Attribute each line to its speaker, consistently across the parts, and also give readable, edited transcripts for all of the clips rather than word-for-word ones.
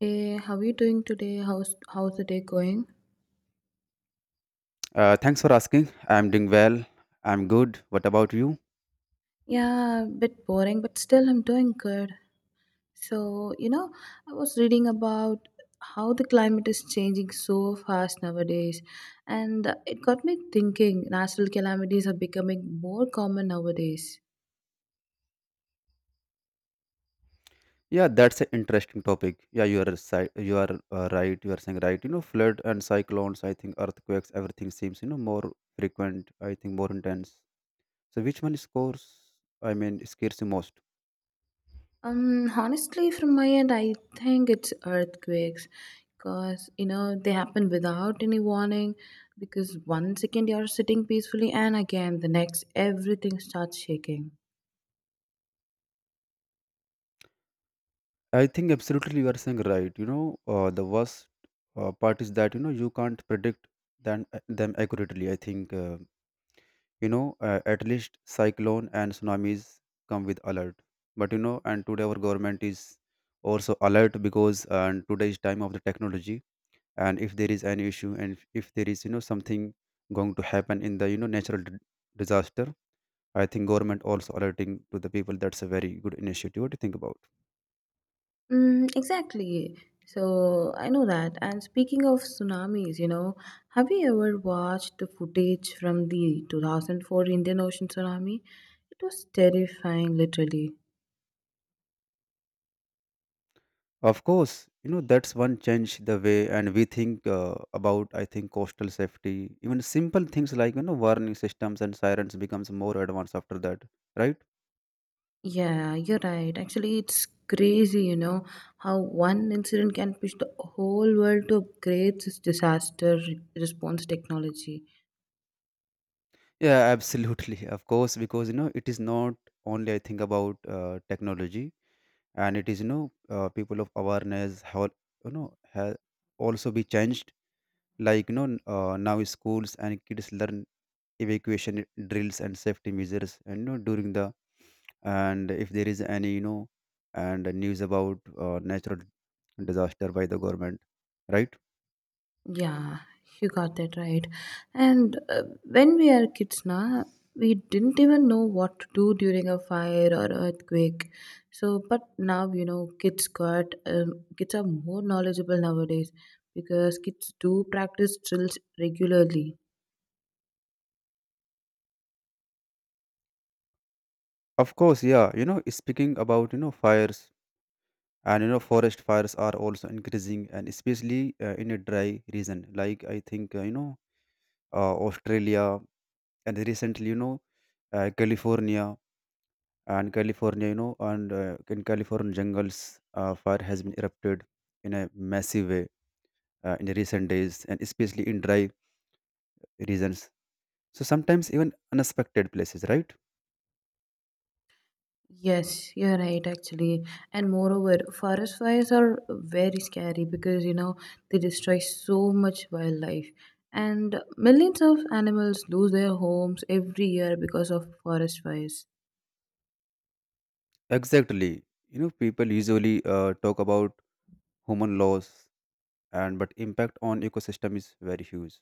Speaker 1: Hey, how are you doing today? How's the day going?
Speaker 2: Thanks for asking. I'm doing well. I'm good. What about you?
Speaker 1: Yeah, a bit boring, but still I'm doing good. So, you know, I was reading about how the climate is changing so fast nowadays, and it got me thinking natural calamities are becoming more common nowadays.
Speaker 2: Yeah, that's an interesting topic. Yeah, you are right. You are saying right. You know, flood and cyclones. I think earthquakes. Everything seems more frequent. I think more intense. So which one scores? I mean, scares you most?
Speaker 1: Honestly, from my end, I think it's earthquakes because they happen without any warning. Because 1 second you're sitting peacefully, and again, the next, everything starts shaking.
Speaker 2: I think absolutely you are saying right. You know, the worst part is that you can't predict them accurately. I think. At least cyclone and tsunamis come with alert, but and today our government is also alert, because and today's time of the technology, and if there is any issue, and if there is something going to happen in the disaster. I think government also alerting to the people. That's a very good initiative to think about.
Speaker 1: Mm, exactly. So I know that. And speaking of tsunamis, have you ever watched the footage from the 2004 Indian Ocean tsunami? It was terrifying, literally.
Speaker 2: Of course, you know that's one change the way and we think about. I think coastal safety, even simple things like, warning systems and sirens becomes more advanced after that, right?
Speaker 1: Yeah, you're right. Actually, it's crazy, how one incident can push the whole world to upgrade this disaster response technology.
Speaker 2: Yeah, absolutely. Of course, because it is not only I think about technology, and it is, people of awareness how you know have also be changed. Like, now schools and kids learn evacuation drills and safety measures, and during the, and if there is any, and news about natural disaster by the government, right.
Speaker 1: Yeah, you got that right. And when we are kids now, we didn't even know what to do during a fire or earthquake. So, but now, you know, kids are more knowledgeable nowadays because kids do practice drills regularly.
Speaker 2: Of course, yeah, speaking about, fires, and forest fires are also increasing, and especially in a dry region like, I think, Australia, and recently, California. And California, and in California jungles fire has been erupted in a massive way, in the recent days, and especially in dry regions. So sometimes even unexpected places, right?
Speaker 1: Yes, you're right, actually. And moreover, forest fires are very scary because, they destroy so much wildlife. And millions of animals lose their homes every year because of forest fires.
Speaker 2: Exactly. You know, people usually talk about human loss, and but impact on ecosystem is very huge.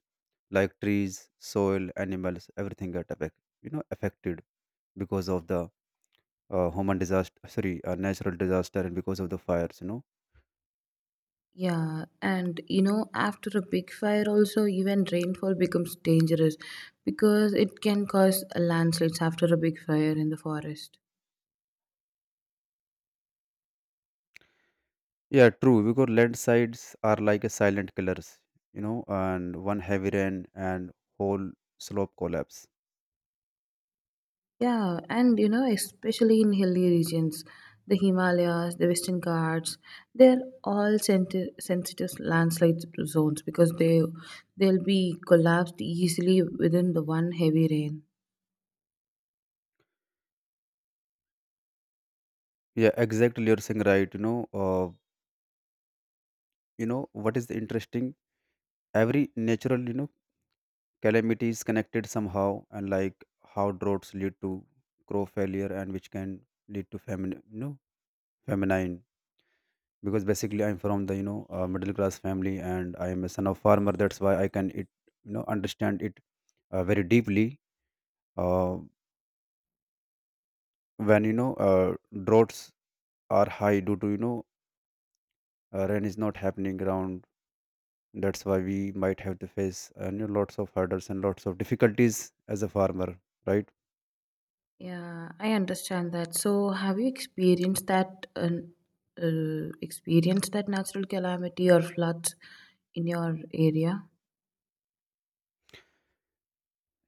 Speaker 2: Like trees, soil, animals, everything get affected. Affected because of the human disaster, sorry, natural disaster, and because of the fires.
Speaker 1: Yeah, and after a big fire, also, even rainfall becomes dangerous because it can cause landslides after a big fire in the forest.
Speaker 2: Yeah, true, because landslides are like a silent killers, and one heavy rain and whole slope collapse.
Speaker 1: Yeah, and especially in hilly regions, the Himalayas, the Western Ghats, they're all sensitive landslide zones because they'll be collapsed easily within the one heavy rain.
Speaker 2: Yeah, exactly, you're saying right. You know, what is the interesting, every natural, calamity is connected somehow, and like how droughts lead to crop failure, and which can lead to famine, feminine. Because basically I'm from the, middle class family, and I am a son of farmer, that's why I can it, understand it very deeply. Uh, when, droughts are high due to, rain is not happening around, that's why we might have to face, lots of hurdles and lots of difficulties as a farmer, right?
Speaker 1: Yeah, I understand that. So, have you experienced that natural calamity or floods in your area?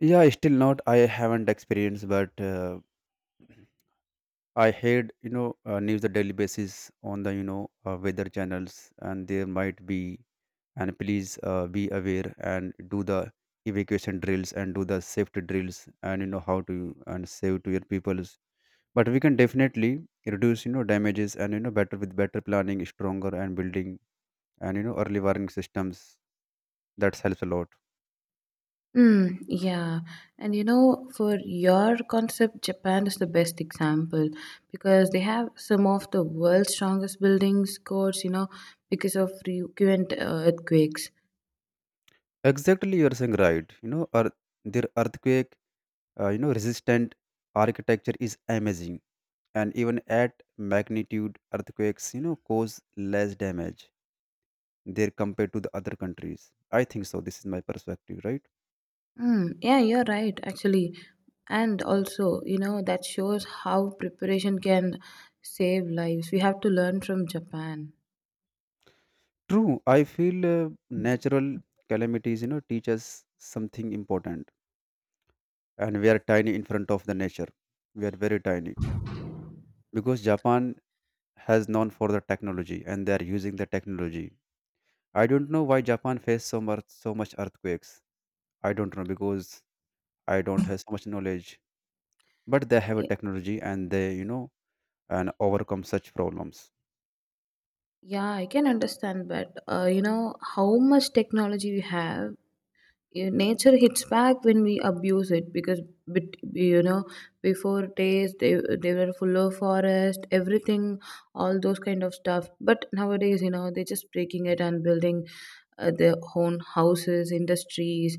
Speaker 2: Yeah, still not, I haven't experienced, but I heard, news on daily basis on the, weather channels, and there might be, and please be aware and do the evacuation drills and do the safety drills, and how to and save to your peoples. But we can definitely reduce, damages, and, better with better planning, stronger and building, and, early warning systems. That helps a lot.
Speaker 1: Hmm. Yeah. And for your concept, Japan is the best example because they have some of the world's strongest buildings, codes, because of frequent earthquakes.
Speaker 2: Exactly, you are saying right. You know, their earthquake resistant architecture is amazing, and even at magnitude earthquakes, cause less damage there compared to the other countries, I think. So this is my perspective, right?
Speaker 1: Mm, yeah, you're right, actually. And also, that shows how preparation can save lives. We have to learn from Japan.
Speaker 2: True, I feel, natural calamities, teach us something important, and we are tiny in front of the nature. We are very tiny. Because Japan has known for the technology, and they are using the technology. I don't know why Japan faced so much earthquakes. I don't know, because I don't have so much knowledge. But they have a
Speaker 1: Y-
Speaker 2: technology and they, and overcome such problems.
Speaker 1: Yeah, I can understand, but how much technology we have. Yeah, nature hits back when we abuse it because bet- you know before days they were full of forest, everything, all those kind of stuff. But nowadays, they're just breaking it and building their own houses, industries,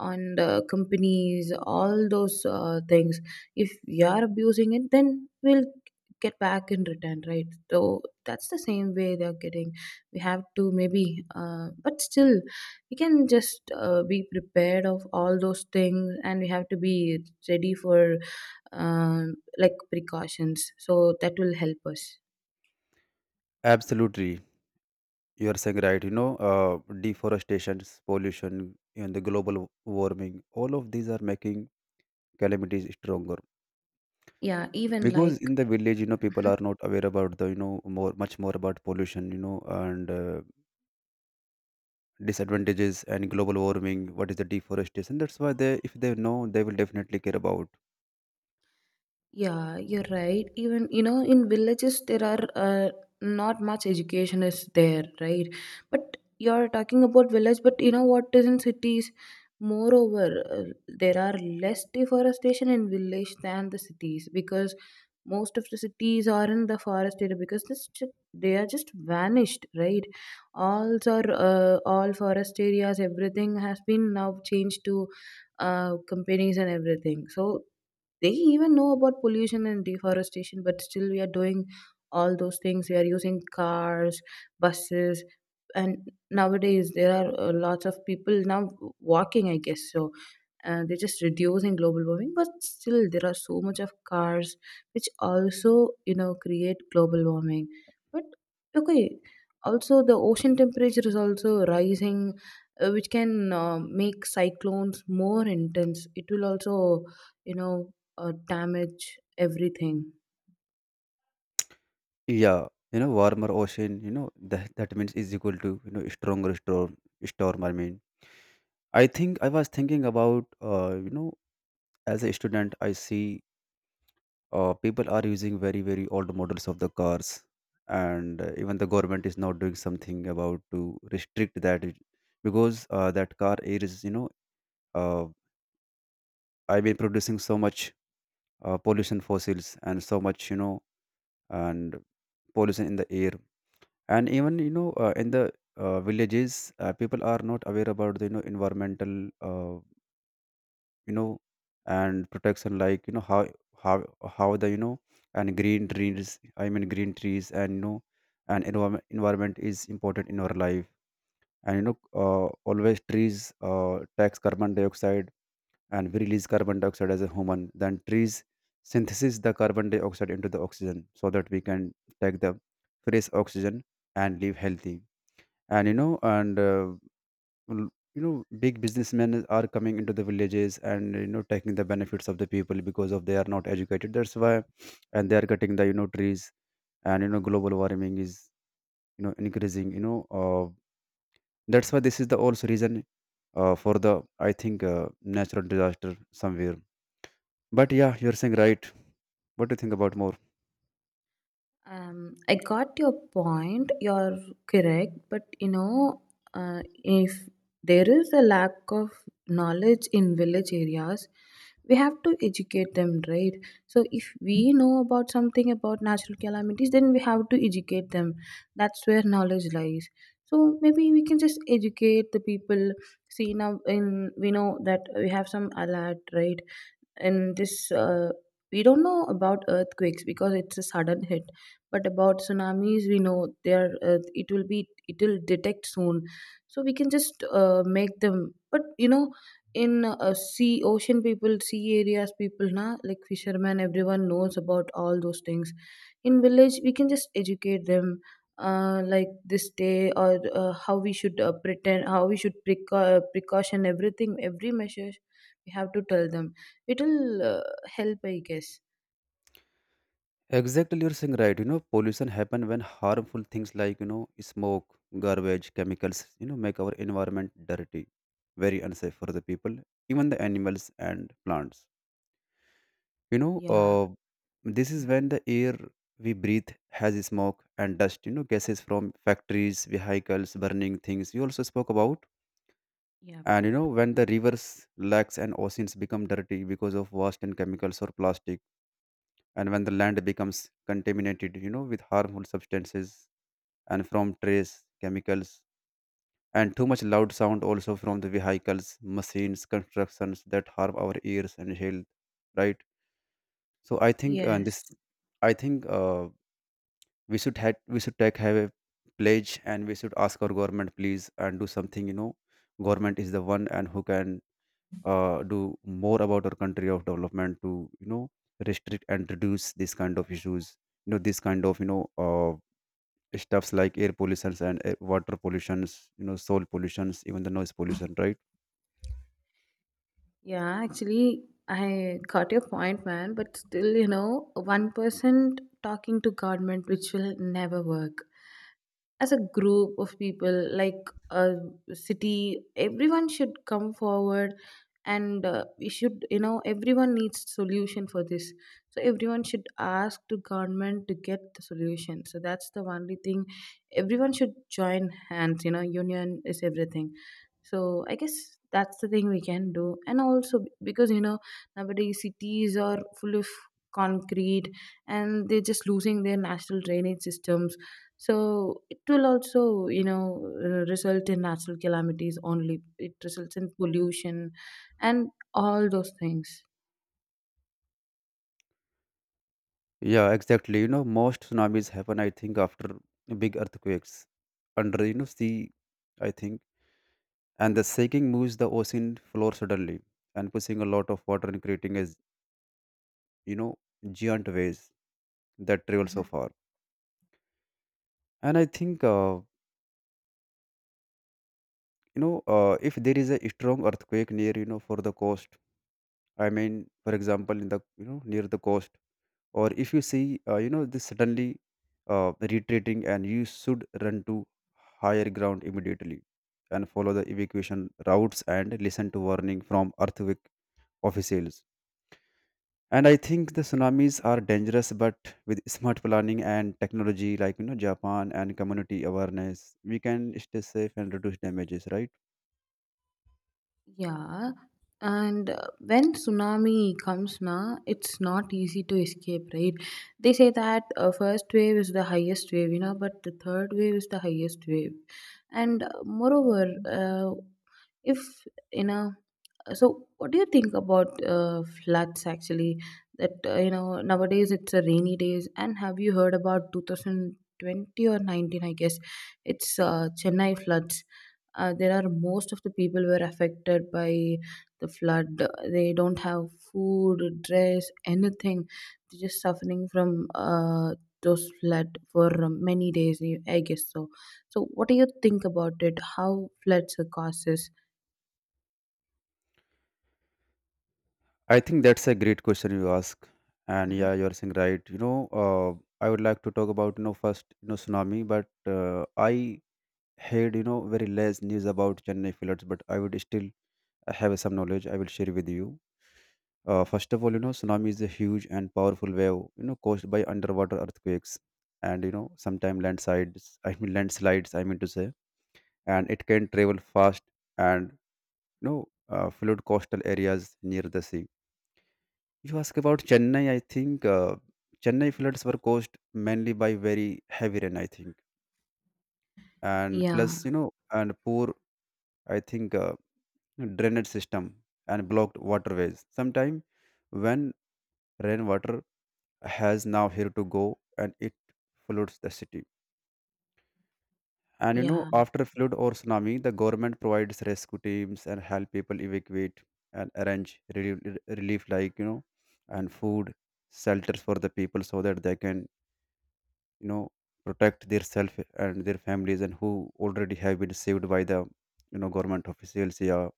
Speaker 1: and companies, all those things. If we are abusing it, then we'll get back in return, right? So that's the same way they're getting. We have to maybe, but still we can just be prepared of all those things, and we have to be ready for, like, precautions, so that will help us.
Speaker 2: Absolutely. You are saying right. You know, deforestation, pollution, and the global warming, all of these are making calamities stronger.
Speaker 1: Yeah, even like.
Speaker 2: Because in the village, you know, people
Speaker 1: Mm-hmm.
Speaker 2: are not aware about the, more much more about pollution, and disadvantages and global warming, what is the deforestation, that's why they, if they know, they will definitely care about.
Speaker 1: Yeah, you're right. Even, in villages, there are, not much education is there, right? But you're talking about village, but you know what is in cities? Moreover, there are less deforestation in village than the cities because most of the cities are in the forest area because this, they are just vanished, right? All are all forest areas, everything has been now changed to companies and everything. So they even know about pollution and deforestation, but still we are doing all those things. We are using cars, buses, and nowadays there are, lots of people now walking, I guess. So, they're just reducing global warming, but still there are so much of cars, which also, create global warming. But okay, also the ocean temperature is also rising, which can, make cyclones more intense. It will also, you know damage everything.
Speaker 2: Yeah, warmer ocean, that means is equal to, stronger storm, I mean. I think, I was thinking about, as a student I see, people are using very very old models of the cars, and even the government is not doing something about to restrict that, because that car is, uh, I been producing so much pollution fossils and so much, and pollution in the air, and even, in the villages people are not aware about the, environmental, uh, you know and protection like, how how the, and green trees, I mean, green trees, and, and environment is important in our life, and, always trees tax carbon dioxide, and we release carbon dioxide as a human, then trees synthesize the carbon dioxide into the oxygen, so that we can take the fresh oxygen and live healthy. And, and l- you know big businessmen are coming into the villages, and taking the benefits of the people, because of they are not educated, that's why, and they are cutting the, trees, and global warming is, increasing, that's why this is the also reason for the, I think, natural disaster somewhere. But yeah, you're saying right. What do you think about more?
Speaker 1: I got your point. You're correct, but if there is a lack of knowledge in village areas, we have to educate them, right? So if we know about something about natural calamities, then we have to educate them. That's where knowledge lies. So maybe we can just educate the people. See now, in we know that we have some alert, right? And this, we don't know about earthquakes because it's a sudden hit, but about tsunamis we know, there, it will detect soon. So we can just, make them. But in, sea ocean people, sea areas people, na, like fishermen, everyone knows about all those things. In village we can just educate them, like this day or how we should pretend, how we should precaution, everything, every measure. We have to tell them, it'll help, I guess.
Speaker 2: Exactly, you're saying right. You know, pollution happen when harmful things like, smoke, garbage, chemicals, make our environment dirty, very unsafe for the people, even the animals and plants. You know,
Speaker 1: Yeah.
Speaker 2: this is
Speaker 1: Mm.
Speaker 2: when the air we breathe has smoke and dust. You know, gases from factories, vehicles, burning things. You also spoke about.
Speaker 1: Yeah.
Speaker 2: And you know, when the rivers, lakes, and oceans become dirty because of waste and chemicals or plastic, and when the land becomes contaminated, with harmful substances, and from trace chemicals, and too much loud sound also from the vehicles, machines, constructions, that harm our ears and health, right? So I think,
Speaker 1: Yes.
Speaker 2: this I think, we should take have a pledge, and we should ask our government, please, and do something. You know, government is the one and who can do more about our country of development to, you know restrict and reduce this kind of issues, this kind of, stuffs like air pollutions, and air, water pollutions, soil pollutions, even the noise pollution, right?
Speaker 1: Yeah, actually, I got your point, man, but still, one person talking to government, which will never work. As a group of people, like a city, everyone should come forward. And we should, everyone needs solution for this, so everyone should ask to government to get the solution. So that's the only thing, everyone should join hands. Union is everything. So I guess that's the thing we can do. And also, because nowadays cities are full of concrete, and they're just losing their national drainage systems. So it will also, result in natural calamities only. It results in pollution and all those things.
Speaker 2: Yeah, exactly. Most tsunamis happen, I think, after big earthquakes under, sea, I think. And the shaking moves the ocean floor suddenly, and pushing a lot of water, and creating as, you know giant waves that travel so
Speaker 1: Mhm.
Speaker 2: far. And I think, if there is a strong earthquake near, for the coast, I mean, for example, in the, near the coast, or if you see this suddenly retreating, and you should run to higher ground immediately, and follow the evacuation routes, and listen to warning from earthquake officials. And I think the tsunamis are dangerous, but with smart planning and technology like, Japan, and community awareness, we can stay safe and reduce damages, right?
Speaker 1: Yeah, and when tsunami comes now, it's not easy to escape, right? They say that, first wave is the highest wave, but the third wave is the highest wave. And moreover, if you know so, what do you think about floods, actually? That, nowadays it's a rainy days, and have you heard about 2020 or 19? I guess it's Chennai floods. There are most of the people were affected by the flood. They don't have food, dress, anything. They're just suffering from those flood for many days, I guess so. So, what do you think about it? How floods are causes?
Speaker 2: I think that's a great question you ask, and
Speaker 1: Hmm.
Speaker 2: yeah, you're saying right. You know, I would like to talk about, first, tsunami, but I heard, very less news about Chennai floods, but I would still have some knowledge. I will share with you. First of all, you know, tsunami is a huge and powerful wave, caused by underwater earthquakes, and, sometimes landslides. I mean landslides, I mean to say, and it can travel fast, and, you know flood coastal areas near the sea. You ask about Chennai. I think, Chennai floods were caused mainly by very heavy rain, I think, and
Speaker 1: Yeah,
Speaker 2: plus, you know, and poor, I think, drainage system and blocked waterways. Sometime when rainwater has now here to go and it floods the city. And you know,
Speaker 1: yeah.
Speaker 2: after flood or tsunami, the government provides rescue teams and help people evacuate and arrange relief, relief like and food shelters for the people so that they can you know protect their self and their families and who already have been saved by the government officials, yeah,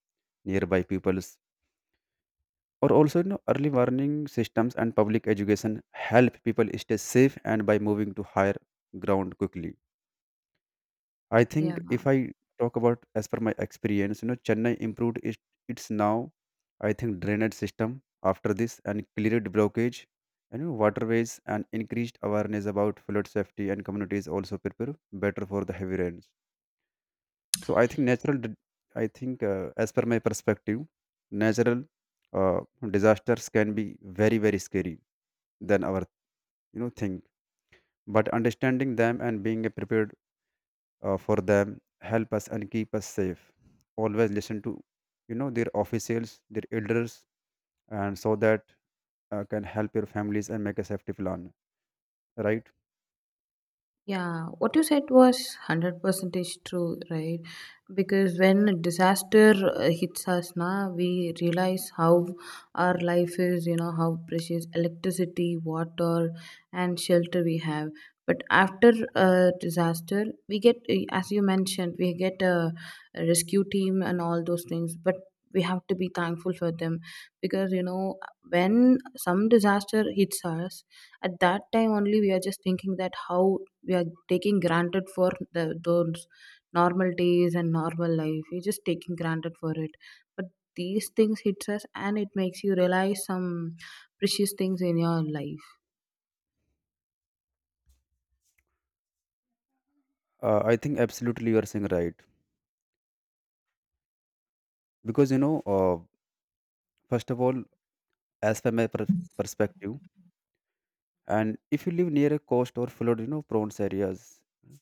Speaker 2: nearby peoples or also you know early warning systems and public education help people stay safe and by moving to higher ground quickly. I
Speaker 1: Yeah.
Speaker 2: think if I talk about as per my experience, you know, Chennai improved it, its now, I think, drainage system after this and cleared blockage and you know, waterways and increased awareness about flood safety and communities also prepare better for the heavy rains. So I think natural, I think as per my perspective, natural uh, disasters can be very very scary than our you know think, but understanding them and being prepared for them help us and keep us safe. Always listen to you know their officials, their elders, and so that can help your families and make a safety plan, right.
Speaker 1: Yeah, what you said was 100% is true, right? Because when a disaster hits us, na, we realize how our life is, how precious electricity, water, and shelter we have. But after a disaster, as you mentioned, we get a rescue team and all those things. But we have to be thankful for them because, when some disaster hits us, at that time only we are just thinking that how we are taking granted for the those normal days and normal life, we're just taking granted for it. But these things hits us, and it makes you realize some precious things in your life.
Speaker 2: I think absolutely you are saying right, because first of all, as per my perspective, and if you live near a coast or flood you know prone areas,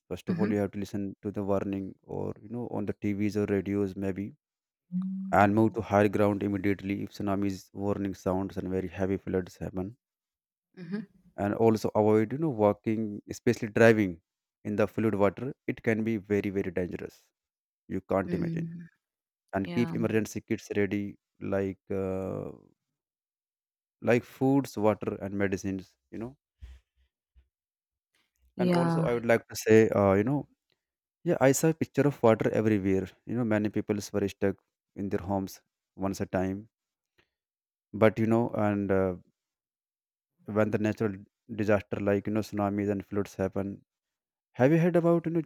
Speaker 2: first of
Speaker 1: Mm-hmm.
Speaker 2: all you have to listen to the warning or you know on the TVs or radios maybe, and move to higher ground immediately if tsunamis warning sounds and very heavy floods happen.
Speaker 1: Mm-hmm.
Speaker 2: And also avoid you know walking, especially driving, in the fluid water. It can be very very dangerous, you can't imagine.
Speaker 1: Mm,
Speaker 2: And keep
Speaker 1: yeah,
Speaker 2: emergency kits ready, like uh, like foods, water, and medicines, you know. And also
Speaker 1: yeah.
Speaker 2: I would like to say you know, yeah, I saw a picture of water everywhere, you know, many people were stuck in their homes once a time. But you know, and when the natural disaster like you know tsunamis and floods happen, have you heard about you know,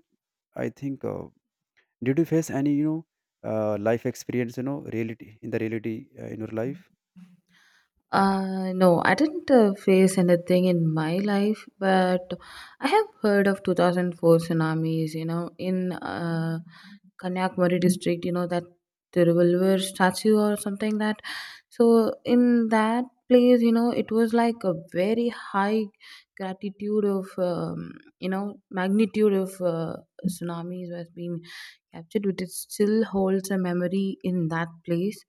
Speaker 2: I think did you face any, you know, life experience, you know, reality in the reality in your life?
Speaker 1: No, I didn't face anything in my life, but I have heard of 2004 tsunamis, in, Kanyakumari district, that Tiruvallur statue or something like that. So in that place, it was like a very high gratitude of, magnitude of tsunamis was being captured, but it still holds a memory in that place.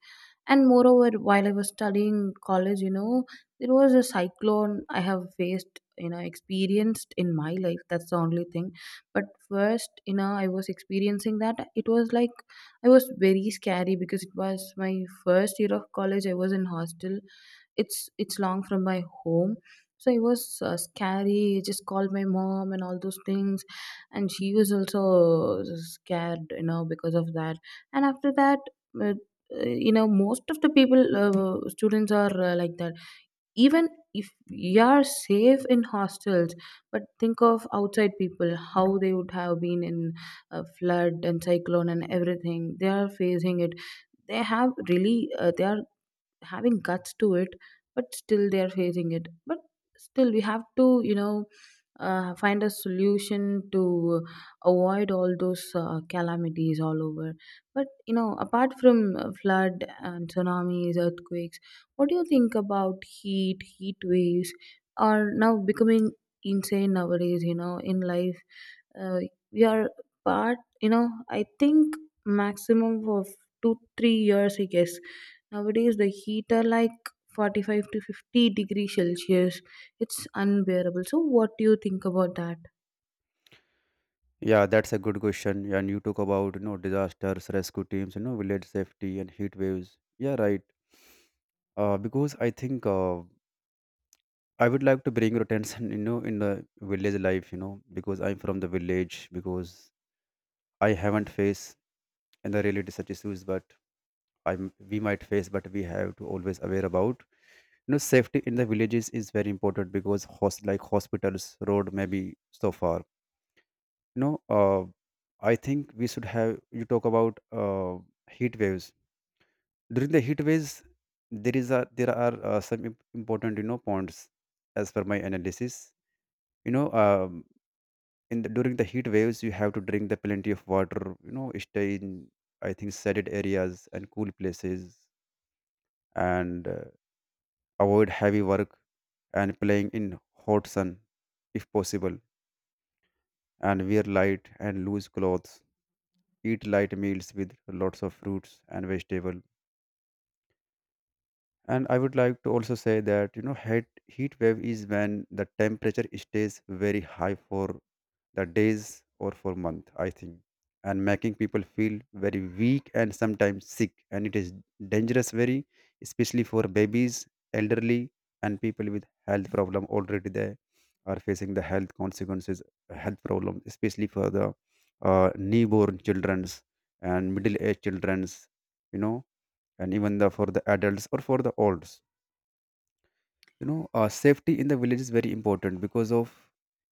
Speaker 1: And moreover, while I was studying college, there was a cyclone I have faced, experienced in my life. That's the only thing. But first, I was experiencing that, it was like I was very scary because it was my first year of college, I was in hostel. It's long from my home, so it was scary. I just called my mom and all those things, and she was also scared, because of that. And after that, uh, most of the people, students are like that. Even if you are safe in hostels, but think of outside people, how they would have been in a flood and cyclone and everything they are facing it. They have really, they are having guts to it, but still they are facing it. But still, we have to, find a solution to avoid all those calamities all over. But apart from flood and tsunamis, earthquakes, what do you think about heat waves are now becoming insane nowadays? In life, uh, we are part, I think maximum of 2 or 3 years, I guess nowadays the heat are like 45 to 50 degree celsius, it's unbearable. So what do you think about that?
Speaker 2: Yeah, that's a good question. And you talk about, you know, disasters, rescue teams, you know, village safety and heat waves. Yeah, right. Because I think I would like to bring your attention, you know, in the village life, you know, because I'm from the village, because I haven't faced in the reality such issues, but I we might face, but we have to always aware about. You know, safety in the villages is very important because like hospitals, road may be so far, you know. I think we should have you talk about heat waves. During the heat waves, there is a there are some important you know points, as per my analysis, you know, in the, during the heat waves you have to drink the plenty of water, you know, stay in I think shaded areas and cool places, and avoid heavy work and playing in hot sun if possible, and wear light and loose clothes, eat light meals with lots of fruits and vegetable. And I would like to also say that you know heat, heat wave is when the temperature stays very high for the days or for month I think, and making people feel very weak and sometimes sick, and it is dangerous very, especially for babies, elderly, and people with health problem, already they are facing the health consequences, health problem, especially for the newborn children's and middle aged children's, you know. And even the for the adults or for the olds, you know, safety in the village is very important because of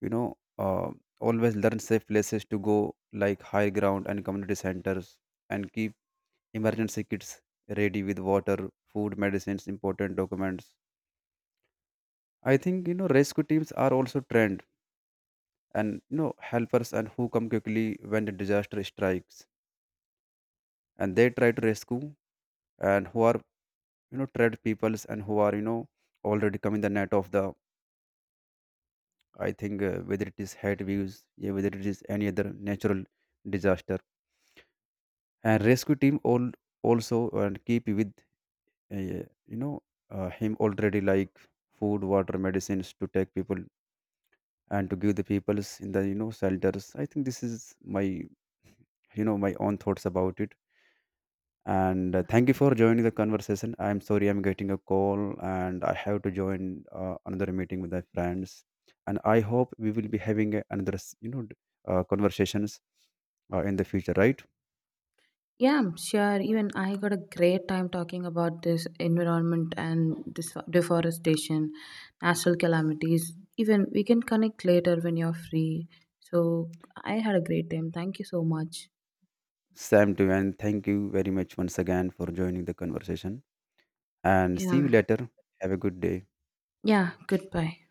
Speaker 2: you know uh, always learn safe places to go like high ground and community centers, and keep emergency kits ready with water, food, medicines, important documents. I think you know rescue teams are also trained, and you know helpers and who come quickly when the disaster strikes, and they try to rescue, and who are you know trained peoples, and who are you know already come in the net of the. I think whether it is hate views, yeah, whether it is any other natural disaster, and rescue team all also and keep with you know him already like food, water, medicines to take people and to give the peoples in the you know shelters. I think this is my you know my own thoughts about it. And thank you for joining the conversation. I'm sorry, I'm getting a call and I have to join another meeting with my friends, and I hope we will be having another you know conversations in the future, right.
Speaker 1: Yeah, sure, even I got a great time talking about this environment and this deforestation, natural calamities. Even we can connect later when you're free. So I had a great time, thank you so much.
Speaker 2: Same to you, and thank you very much once again for joining the conversation, and see you
Speaker 1: Yeah.
Speaker 2: later. Have a good day.
Speaker 1: Yeah, goodbye.